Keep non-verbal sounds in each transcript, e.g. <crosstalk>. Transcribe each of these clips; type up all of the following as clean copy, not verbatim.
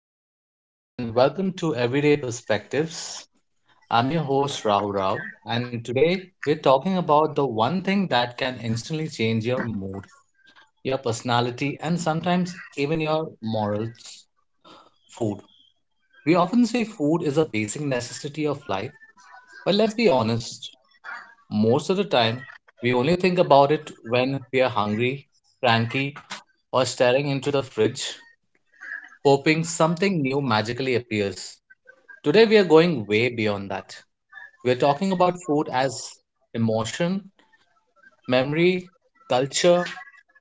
Hello, everyone, and welcome to Everyday Perspectives. I'm your host, Rahul Rao, and today we're talking about the one thing that can instantly change your mood, your personality, and sometimes even your morals food. We often say food is a basic necessity of life, but let's be honest, most of the time, we only think about it when we are hungry, cranky, or staring into the fridge, hoping something new magically appears. Today, we are going way beyond that. We're talking about food as emotion, memory, culture,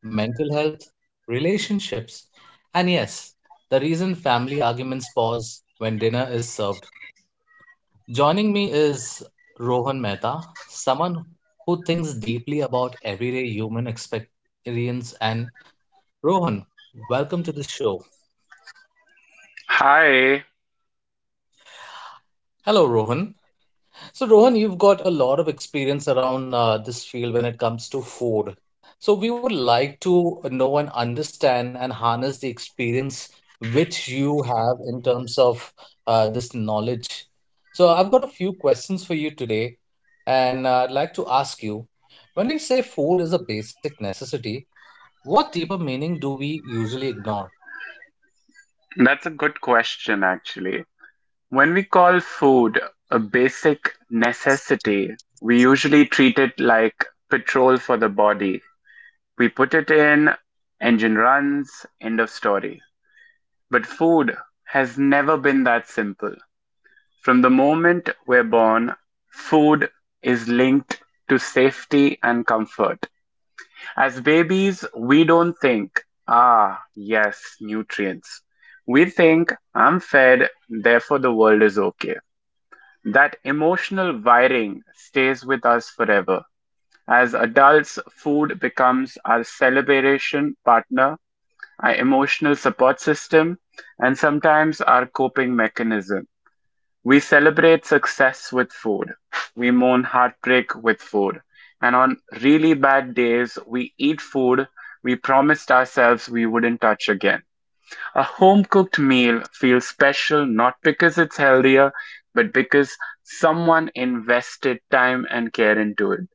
mental health, relationships, and yes, the reason family arguments pause when dinner is served. Joining me is Rohan Mehta, someone who thinks deeply about everyday human experience. And Rohan, welcome to the show. Hi, Hello, Rohan. So, Rohan, you've got a lot of experience around this field when it comes to food. So, we would like to know and understand and harness the experience which you have in terms of this knowledge. So, I've got a few questions for you today, and I'd like to ask you, when we say food is a basic necessity, what deeper meaning do we usually ignore? that's a good question actually. When we call food a basic necessity, we usually treat it like petrol for the body. We put it in, engine runs, end of story. But food has never been that simple. From the moment we're born, food is linked to safety and comfort. As babies, we don't think, ah, yes, nutrients. We think, I'm fed, therefore the world is okay. That emotional wiring stays with us forever. As adults, food becomes our celebration partner, our emotional support system, and sometimes our coping mechanism. We celebrate success with food. We mourn heartbreak with food. And on really bad days, we eat food we promised ourselves we wouldn't touch again. A home cooked meal feels special not because it's healthier, but because someone invested time and care into it.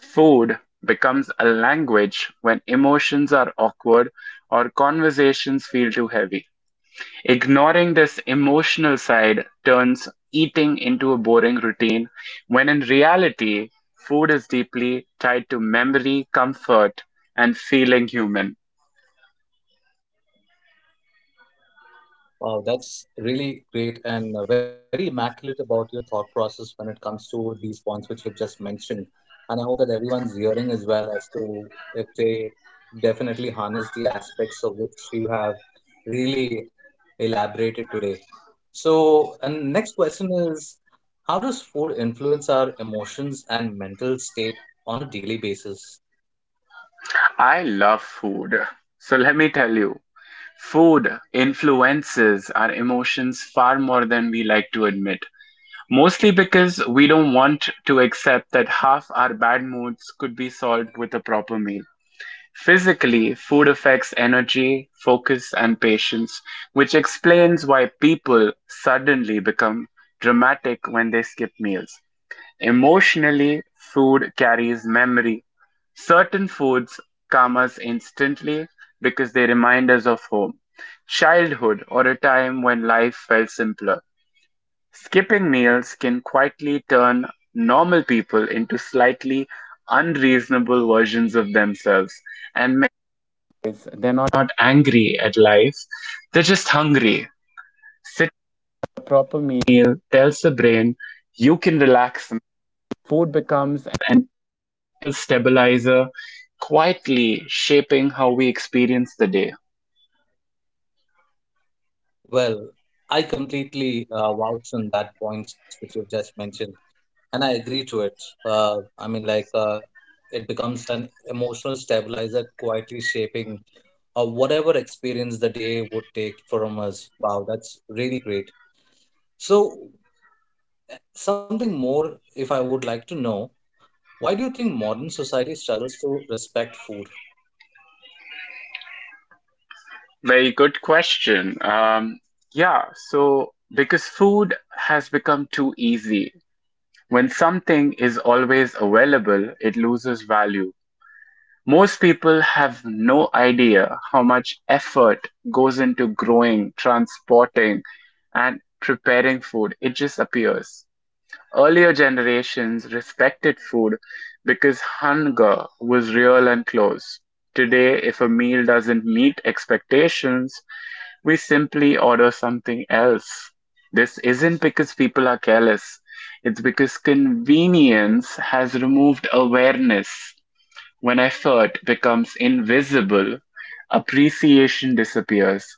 Food becomes a language when emotions are awkward or conversations feel too heavy. Ignoring this emotional side turns eating into a boring routine, when in reality, food is deeply tied to memory, comfort, and feeling human. Wow, that's really great and very immaculate about your thought process when it comes to these points which you've just mentioned. And I hope that everyone's hearing as well as to if they definitely harness the aspects of which you have really elaborated today. So, and next question is, how does food influence our emotions and mental state on a daily basis? I love food. So let me tell you, food influences our emotions far more than we like to admit. Mostly because we don't want to accept that half our bad moods could be solved with a proper meal. Physically, food affects energy, focus and patience, which explains why people suddenly become dramatic when they skip meals. Emotionally, food carries memory. Certain foods calm us instantly because they remind us of home, childhood, or a time when life felt simpler. Skipping meals can quietly turn normal people into slightly unreasonable versions of themselves, and not angry at life, they're just hungry. Sit meal tells the brain you can relax an emotional stabilizer quietly shaping how we experience the day. Well, I completely vouch on that points which you've just mentioned, and I agree to it. It becomes an emotional stabilizer, quietly shaping whatever experience the day would take from us. Wow, that's really great. So, something more, if I would like to know, why do you think modern society struggles to respect food? Very good question. Yeah, so because food has become too easy. When something is always available, it loses value. Most people have no idea how much effort goes into growing, transporting, and preparing food. It just appears. Earlier generations respected food because hunger was real and close. Today, if a meal doesn't meet expectations, we simply order something else. This isn't because people are careless, it's because convenience has removed awareness. When effort becomes invisible, appreciation disappears.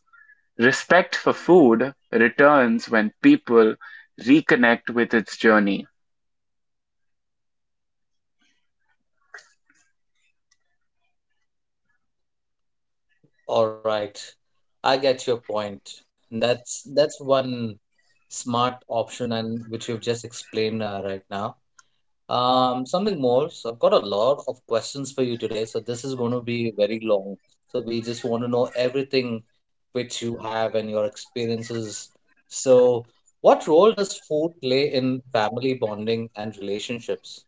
Respect for food returns when people reconnect with its journey. All right, I get your point. That's one smart option, and which you've just explained right now. Something more. So I've got a lot of questions for you today. So this is going to be very long. So we just want to know everything which you have and your experiences. So what role does food play in family bonding and relationships?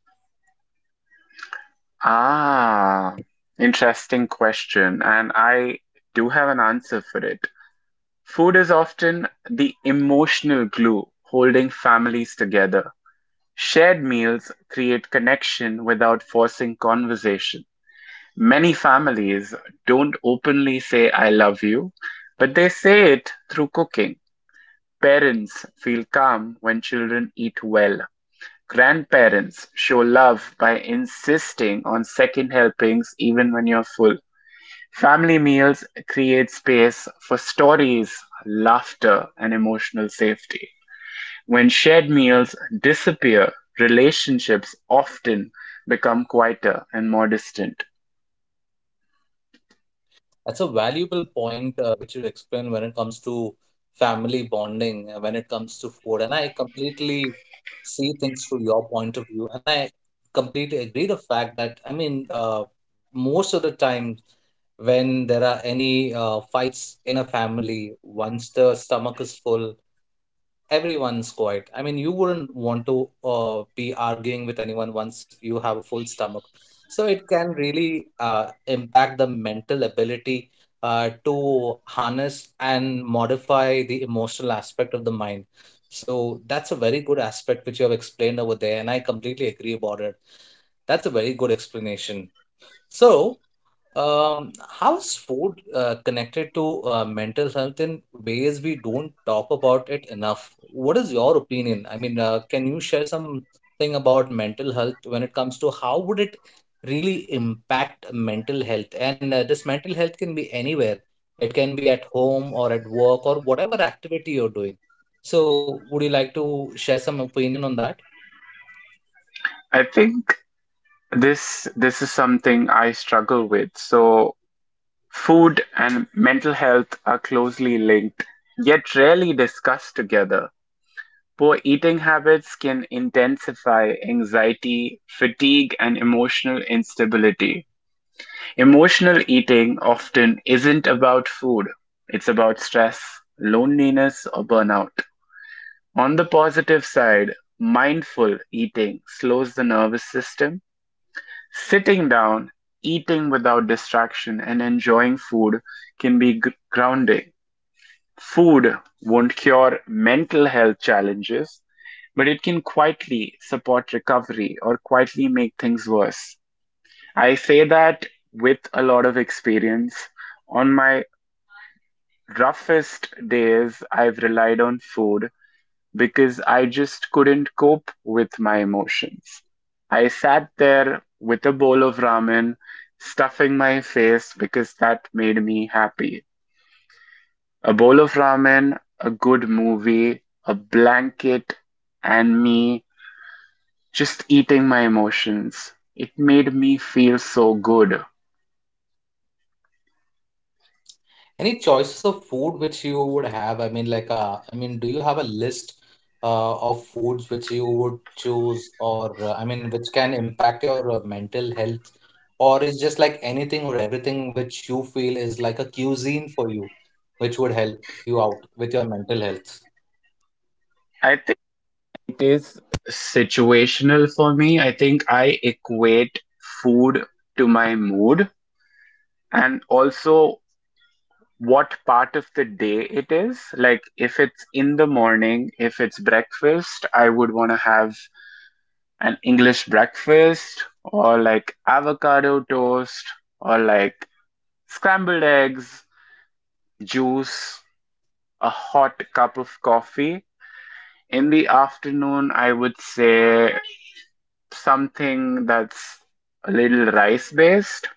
Ah, interesting question, and I do have an answer for it. Food is often the emotional glue holding families together. Shared meals create connection without forcing conversation. Many families don't openly say "I love you," but they say it through cooking. Parents feel calm when children eat well. Grandparents show love by insisting on second helpings even when you're full. Family meals create space for stories, laughter, and emotional safety. When shared meals disappear, relationships often become quieter and more distant. That's a valuable point which you explained when it comes to family bonding, when it comes to food. And I completely see things through your point of view. And I completely agree the fact that, I mean, most of the time, when there are any fights in a family, once the stomach is full, everyone's quiet. I mean, you wouldn't want to be arguing with anyone once you have a full stomach. So it can really impact the mental ability to harness and modify the emotional aspect of the mind. So that's a very good aspect which you have explained over there, and I completely agree about it. That's a very good explanation. So, um, how is food connected to mental health in ways we don't talk about it enough? What is your opinion? I mean, can you share something about mental health when it comes to how would it really impact mental health? And this mental health can be anywhere. It can be at home or at work or whatever activity you're doing. So, would you like to share some opinion on that? I think this is something I struggle with. So food and mental health are closely linked, yet rarely discussed together. Poor eating habits can intensify anxiety, fatigue, and emotional instability. Emotional eating often isn't about food. It's about stress, loneliness, or burnout. On the positive side, mindful eating slows the nervous system. Sitting down, eating without distraction, and enjoying food can be grounding. Food won't cure mental health challenges, but it can quietly support recovery or quietly make things worse. I say that with a lot of experience. On my roughest days, I've relied on food because I just couldn't cope with my emotions. I sat there with a bowl of ramen, stuffing my face because that made me happy. A bowl of ramen, a good movie, a blanket, and me just eating my emotions. It made me feel so good. Any choices of food which you would have? I mean, like, I mean, do you have a list of foods which you would choose, or I mean, which can impact your mental health, or is just like anything or everything which you feel is like a cuisine for you, which would help you out with your mental health? I think it is situational for me. I think I equate food to my mood and also what part of the day it is. Like if it's in the morning, if it's breakfast, I would want to have an English breakfast or like avocado toast or like scrambled eggs, juice, a hot cup of coffee. In the afternoon, I would say something that's a little rice based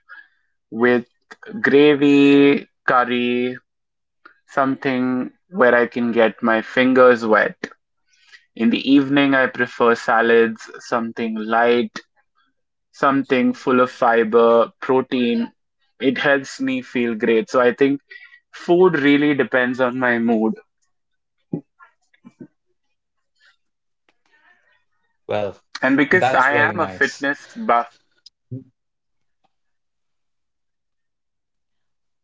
with gravy, curry, something where I can get my fingers wet. In the evening, I prefer salads, something light, something full of fiber, protein. It helps me feel great. So I think food really depends on my mood. Well, And because that's I very am a nice. fitness buff,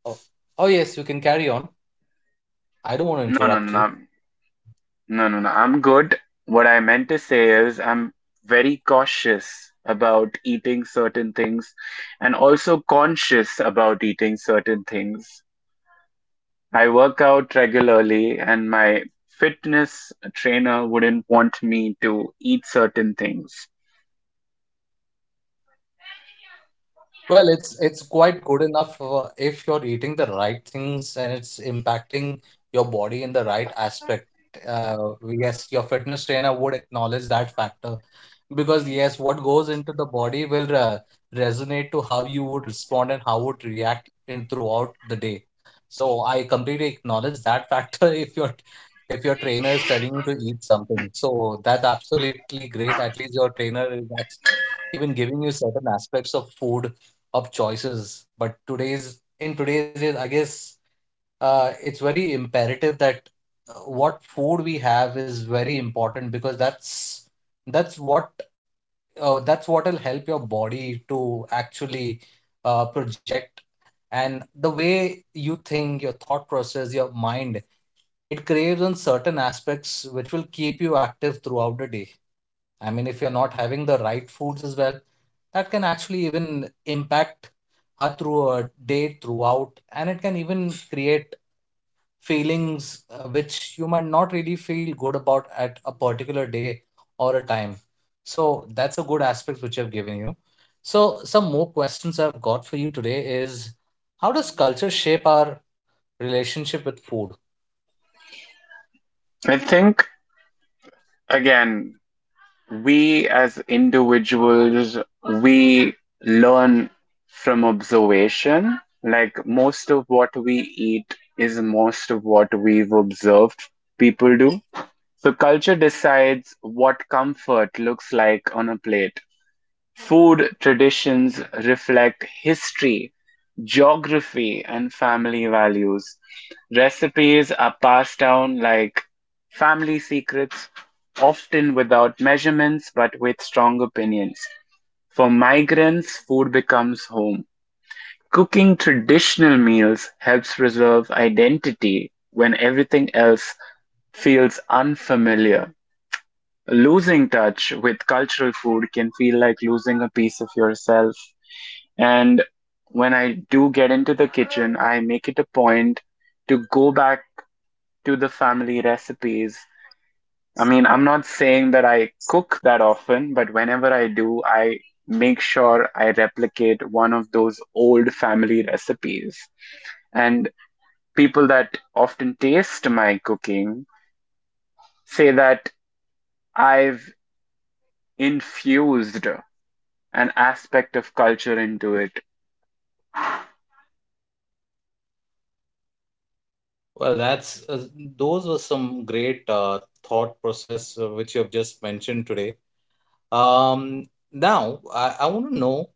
Oh, oh yes, you can carry on. I don't want to no, interrupt no, you. no, no, no. I'm good. What I meant to say is I'm very cautious about eating certain things and also conscious about eating certain things. I work out regularly, and my fitness trainer wouldn't want me to eat certain things. Well, it's quite good enough if you're eating the right things and it's impacting your body in the right aspect. Yes, your fitness trainer would acknowledge that factor because yes, what goes into the body will resonate to how you would respond and how would react in throughout the day. So I completely acknowledge that factor <laughs> if your trainer is telling you to eat something. So that's absolutely great. At least your trainer is even giving you certain aspects of food of choices. But today's age, I guess it's very imperative that uh, what food we have is very important because that's what that's what will help your body to actually project and the way you think, your thought process, your mind, it craves on certain aspects which will keep you active throughout the day. I mean, if you're not having the right foods as well, that can actually even impact her through a day throughout, and it can even create feelings which you might not really feel good about at a particular day or a time. So that's a good aspect which I've given you. So some more questions I've got for you today is how does culture shape our relationship with food? I think, again, we as individuals, we learn from observation. Like, most of what we eat is most of what we've observed people do. So, culture decides what comfort looks like on a plate. Food traditions reflect history, geography and family values. Recipes are passed down like family secrets, often without measurements but with strong opinions. For migrants, food becomes home. Cooking traditional meals helps preserve identity when everything else feels unfamiliar. Losing touch with cultural food can feel like losing a piece of yourself. And when I do get into the kitchen, I make it a point to go back to the family recipes. I mean, I'm not saying that I cook that often, but whenever I do, I make sure I replicate one of those old family recipes. And people that often taste my cooking say that I've infused an aspect of culture into it. Well, that's those were some great thought process which you have just mentioned today. Now, I want to know,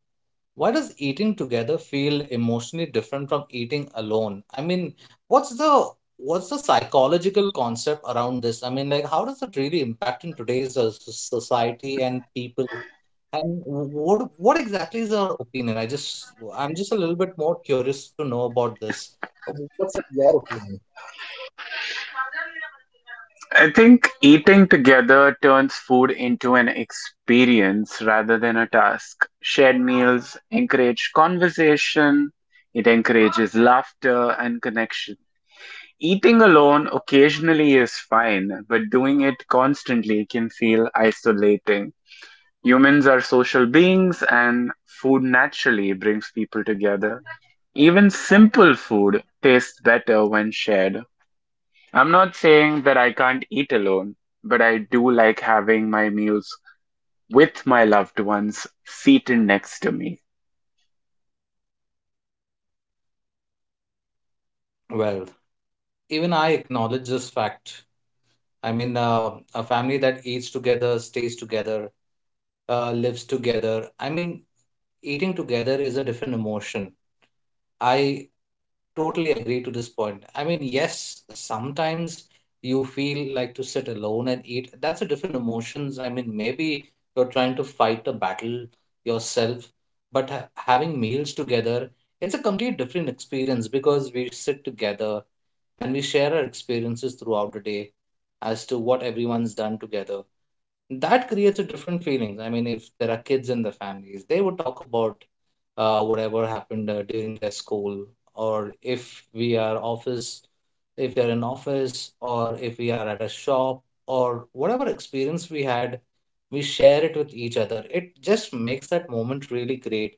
why does eating together feel emotionally different from eating alone? I mean, what's the what's the psychological concept around this? I mean, like, how does it really impact in today's society and people? And what exactly is your opinion? I'm just a little bit more curious to know about this. Uh, What's up your opinion? I think eating together turns food into an experience rather than a task. Shared meals encourage conversation, it encourages laughter and connection. Eating alone occasionally is fine, but doing it constantly can feel isolating. Humans are social beings, and food naturally brings people together. Even simple food tastes better when shared. I'm not saying that I can't eat alone, but I do like having my meals with my loved ones seated next to me. Well, even I acknowledge this fact. I mean, a family that eats together stays together, lives together. I mean, eating together is a different emotion. I totally agree to this point. I mean, yes, sometimes you feel like to sit alone and eat. That's a different emotions. I mean, maybe you're trying to fight a battle yourself, but having meals together, it's a complete different experience because we sit together and we share our experiences throughout the day as to what everyone's done together. That creates a different feelings. I mean, if there are kids in the families, they would talk about whatever happened during their school, or if we are in office, or if we are at a shop, or whatever experience we had, we share it with each other. It just makes that moment really great,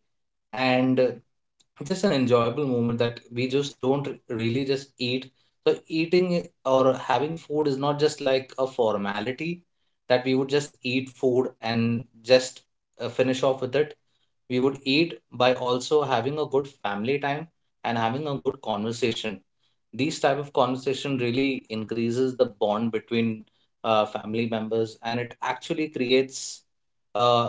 and just an enjoyable moment that we just don't really just eat. So eating I- or having food is not just like a formality that we would just eat food and just finish off with it. We would eat by also having a good family time and having a good conversation. These type of conversation really increases the bond between family members, and it actually creates uh,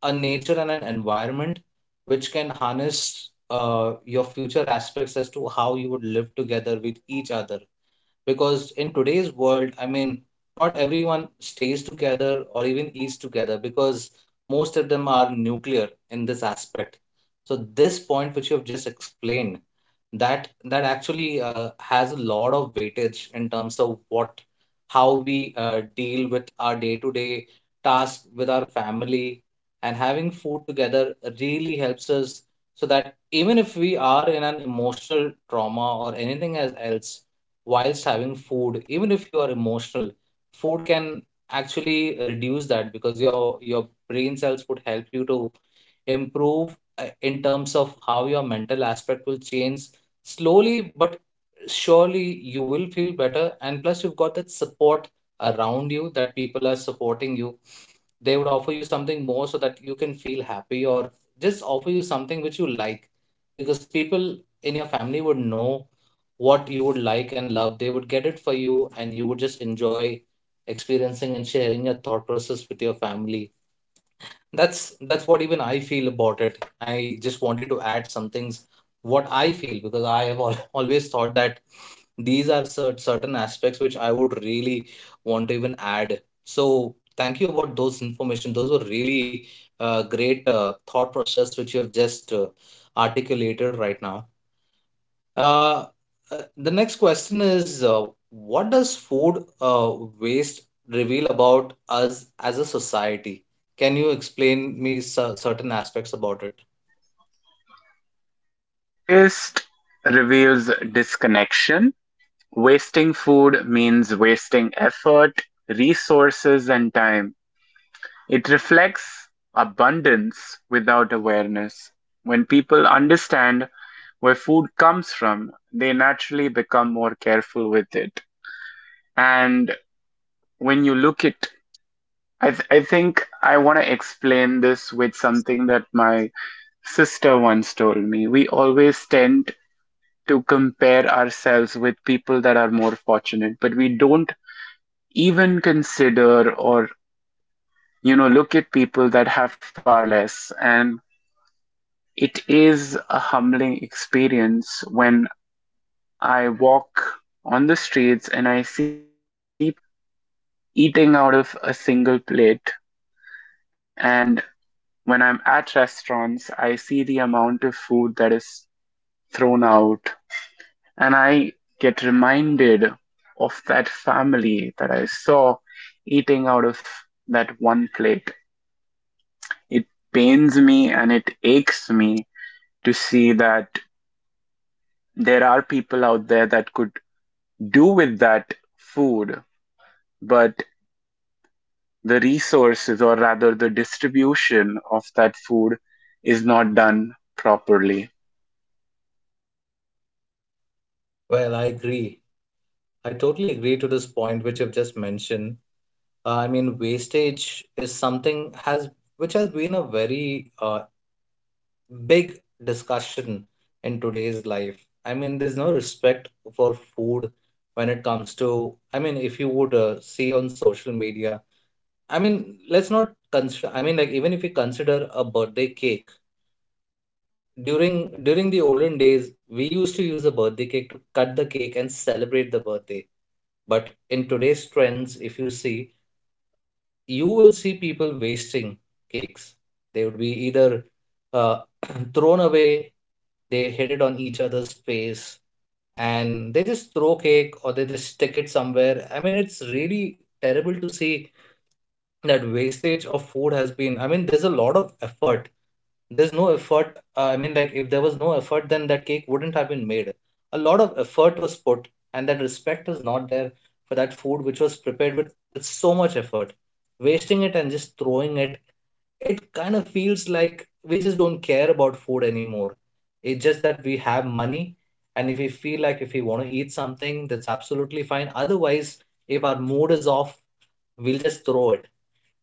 a nature and an environment which can harness your future aspects as to how you would live together with each other. Because in today's world, I mean, not everyone stays together or even eats together because most of them are nuclear in this aspect. So, this point which you have just explained, that actually has a lot of weightage in terms of what how we deal with our day-to-day tasks with our family, and having food together really helps us, so that even if we are in an emotional trauma or anything as else, whilst having food, even if you are emotional, food can actually reduce that because your brain cells would help you to improve in terms of how your mental aspect will change slowly but surely. You will feel better, and plus you've got that support around you that people are supporting you. They would offer you something more so that you can feel happy, or just offer you something which you like, because people in your family would know what you would like and love. They would get it for you, and you would just enjoy experiencing and sharing your thought process with your family. That's what even I feel about it. I just wanted to add some things what I feel because I have <laughs> always thought that these are certain aspects which I would really want to even add. So thank you about those information. Those were really great thought process which you have just articulated right now. uh, the next question is, what does food waste reveal about us as a society? Can you explain me certain aspects about it? Food waste reveals disconnection. Wasting food means wasting effort, resources, and time. It reflects abundance without awareness. When people understand where food comes from, they naturally become more careful with it. And when you look at I think I want to explain this with something that my sister once told me. We always tend to compare ourselves with people that are more fortunate, but we don't even consider or, you know, look at people that have far less. And it is a humbling experience when I walk on the streets and I see people eating out of a single plate. And when I'm at restaurants, I see the amount of food that is thrown out, and I get reminded of that family that I saw eating out of that one plate. It pains me and it aches me to see that there are people out there that could do with that food, but the resources, or rather the distribution of that food, is not done properly. Well, I agree. I totally agree to this point which you've just mentioned. I mean, wastage is something has which has been a very big discussion in today's life. I mean, there's no respect for food when it comes to. I mean, if you would see on social media. I mean, let's not consider. I mean, like even if we consider a birthday cake during the olden days, we used to use a birthday cake to cut the cake and celebrate the birthday. But in today's trends, if you see, you will see people wasting cakes. They would be either uh, <clears throat> thrown away, they hit it on each other's face, and they just throw cake or they just stick it somewhere. I mean, it's really terrible to see that wastage of food has been, I mean there's a lot of effort, there's no effort, I mean, like if there was no effort, then that cake wouldn't have been made. A lot of effort was put and that respect is not there for that food which was prepared with so much effort, wasting it and just throwing it. It kind of feels like we just don't care about food anymore. It's just that we have money, and if we feel like if we want to eat something, that's absolutely fine. Otherwise, if our mood is off, we'll just throw it.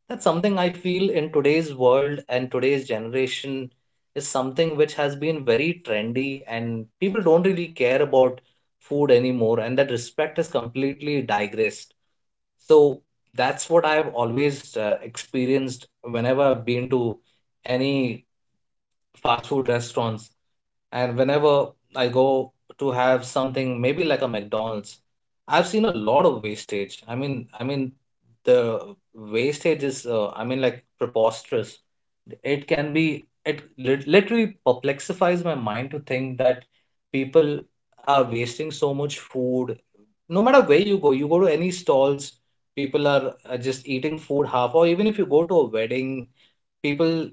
That's something I feel in today's world, and today's generation is something which has been very trendy, and people don't really care about food anymore, and that respect is completely digressed. So that's what I've always experienced whenever I've been to any fast food restaurants, and whenever I go to have something maybe like a McDonald's, I've seen a lot of wastage. I mean the wastage is, I mean, like preposterous. It can be it literally perplexifies my mind to think that people are wasting so much food. No matter where you go to any stalls, people are just eating food half. Or even if you go to a wedding, people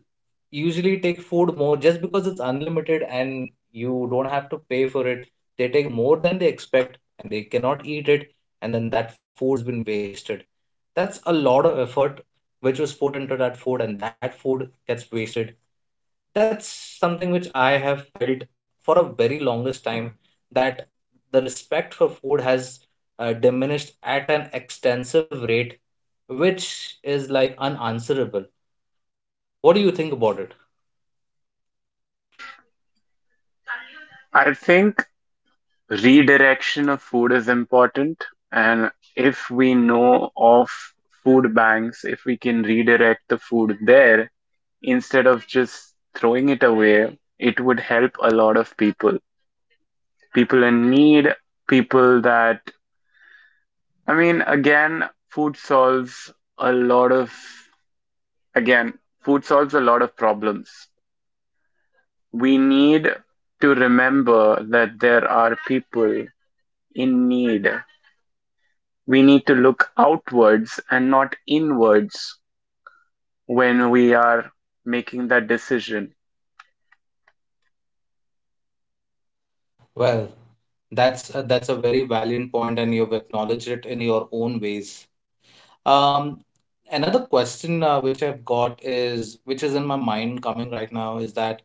usually take food more just because it's unlimited and you don't have to pay for it. They take more than they expect and they cannot eat it, and then that food has been wasted. That's a lot of effort which was put into that food, and that food gets wasted. That's something which I have felt for a very longest time that the respect for food has diminished at an extensive rate, which is like unanswerable. What do you think about it? I think redirection of food is important, and if we know of food banks, if we can redirect the food there instead of just throwing it away, it would help a lot of people. People in need, people that, I mean, again, a lot of, again, food solves a lot of problems. We need to remember that there are people in need. We need to look outwards and not inwards when we are making that decision. Well, that's a very valiant point, and you've acknowledged it in your own ways. Um, Another question which I've got is, which is in my mind coming right now, is that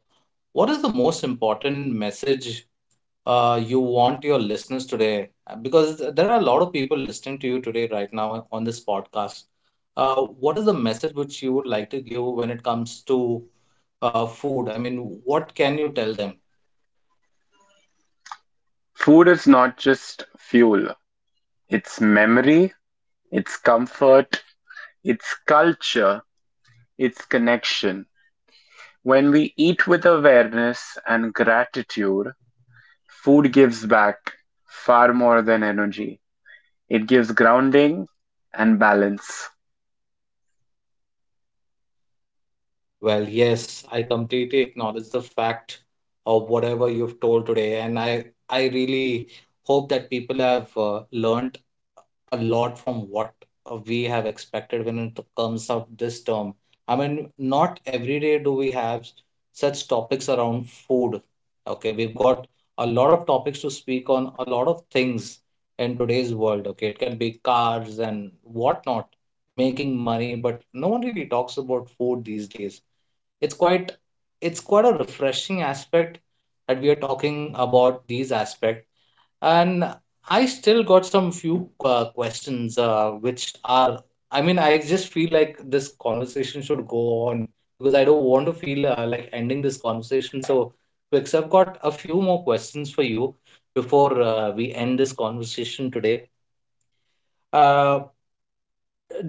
what is the most important message you want your listeners today? Because there are a lot of people listening to you today right now on this podcast. What is the message which you would like to give when it comes to food? I mean, what can you tell them? Food is not just fuel, it's memory, it's comfort, it's culture, it's connection. When we eat with awareness and gratitude, food gives back far more than energy. It gives grounding and balance. Well, yes, I completely acknowledge the fact of whatever you've told today, and I really hope that people have learned a lot from what we have expected when it comes of this term. I mean, not every day do we have such topics around food. Okay, we've got a lot of topics to speak on, a lot of things in today's world. Okay, it can be cars and whatnot, making money, but no one really talks about food these days. It's quite it's quite a refreshing aspect that we are talking about these aspect. And I still got some few questions which are, I mean, I just feel like this conversation should go on because I don't want to feel like ending this conversation so quick. So I've got a few more questions for you before we end this conversation today. Uh,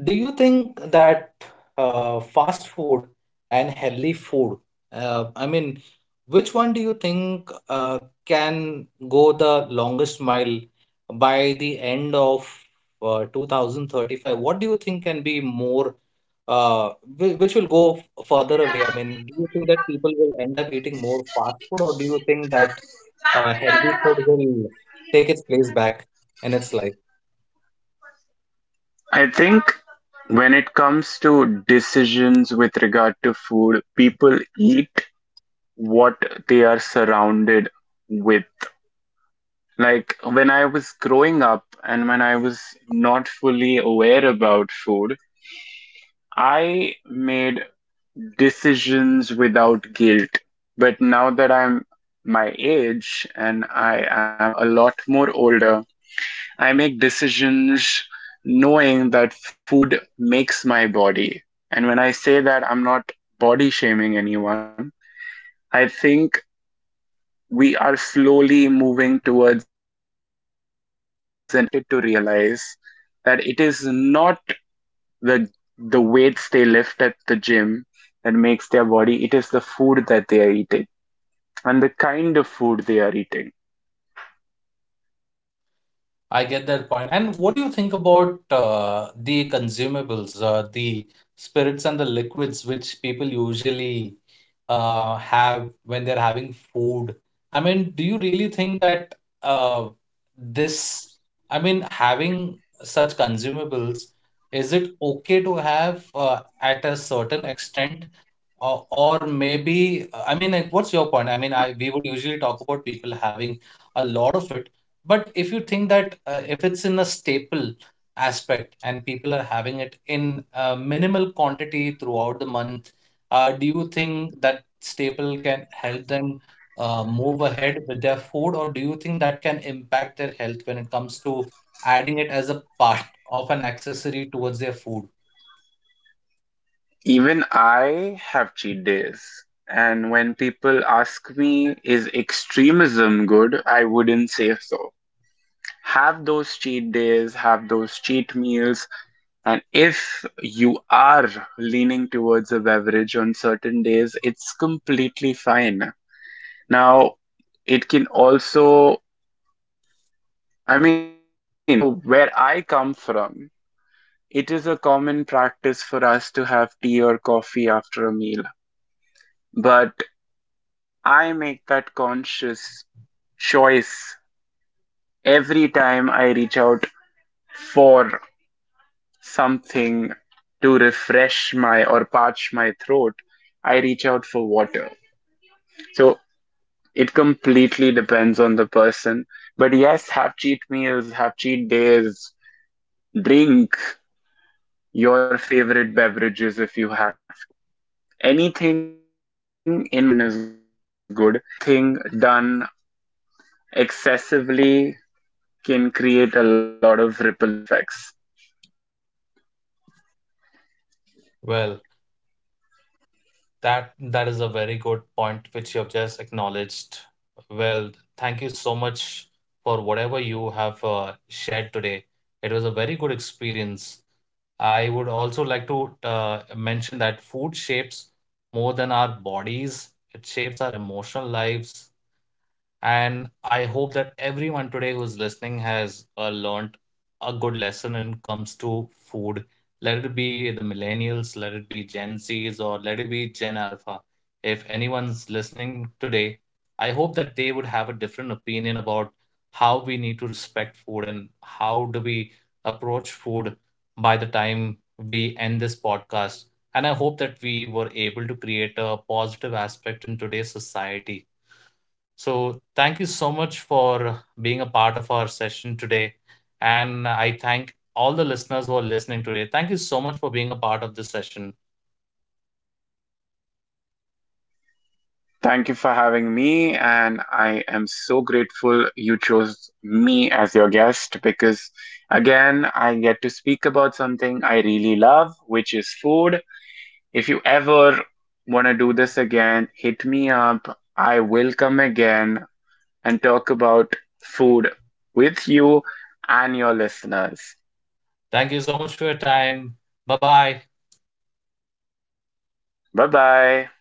do you think that fast food and healthy food, I mean, which one do you think can go the longest mile by the end of 2035? What do you think can be more, uh, which will go further away? I mean, do you think that people will end up eating more fast food, or do you think that healthy food will take its place back in its life? I think when it comes to decisions with regard to food, people eat what they are surrounded with. Like when I was growing up and when I was not fully aware about food, I made decisions without guilt. But now that I'm my age and I am a lot more older, I make decisions knowing that food makes my body. And when I say that, I'm not body shaming anyone. I think we are slowly moving towards an age where people have started to realize that it is not the the weights they lift at the gym that makes their body, it is the food that they are eating and the kind of food they are eating. I get that point. And what do you think about the consumables, the spirits and the liquids which people usually have when they're having food? I mean, do you really think that uh, this, I mean, having such consumables, is it okay to have at a certain extent? Or maybe, I mean, like, what's your point? I mean, I we would usually talk about people having a lot of it, but if you think that if it's in a staple aspect and people are having it in minimal quantity throughout the month, do you think that staple can help them move ahead with their food, or do you think that can impact their health when it comes to adding it as a part of an accessory towards their food? Even I have cheat days. And when people ask me, is extremism good? I wouldn't say so. Have those cheat days, have those cheat meals. And if you are leaning towards a beverage on certain days, it's completely fine. Now, it can also, I mean, so where I come from, it is a common practice for us to have tea or coffee after a meal. But I make that conscious choice every time I reach out for something to refresh my or parch my throat. I reach out for water. So it completely depends on the person. But yes, have cheat meals, have cheat days, drink your favorite beverages if you have to. Anything in moderation is good. Anything done excessively can create a lot of ripple effects. Well, that is a very good point which you have just acknowledged. Well, thank you so much for whatever you have shared today. It was a very good experience. I would also like to mention that food shapes more than our bodies, it shapes our emotional lives, and I hope that everyone today who's listening has learned a good lesson when it comes to food. Let it be the millennials, let it be Gen Zs, or let it be Gen Alpha. If anyone's listening today, I hope that they would have a different opinion about how we need to respect food and how do we approach food by the time we end this podcast. And I hope that we were able to create a positive aspect in today's society, so thank you so much for being a part of our session today. And I thank all the listeners who are listening today. Thank you so much for being a part of this session. Thank you for having me, and I am so grateful you chose me as your guest because, again, I get to speak about something I really love, which is food. If you ever want to do this again, hit me up. I will come again and talk about food with you and your listeners. Thank you so much for your time. Bye bye. Bye bye.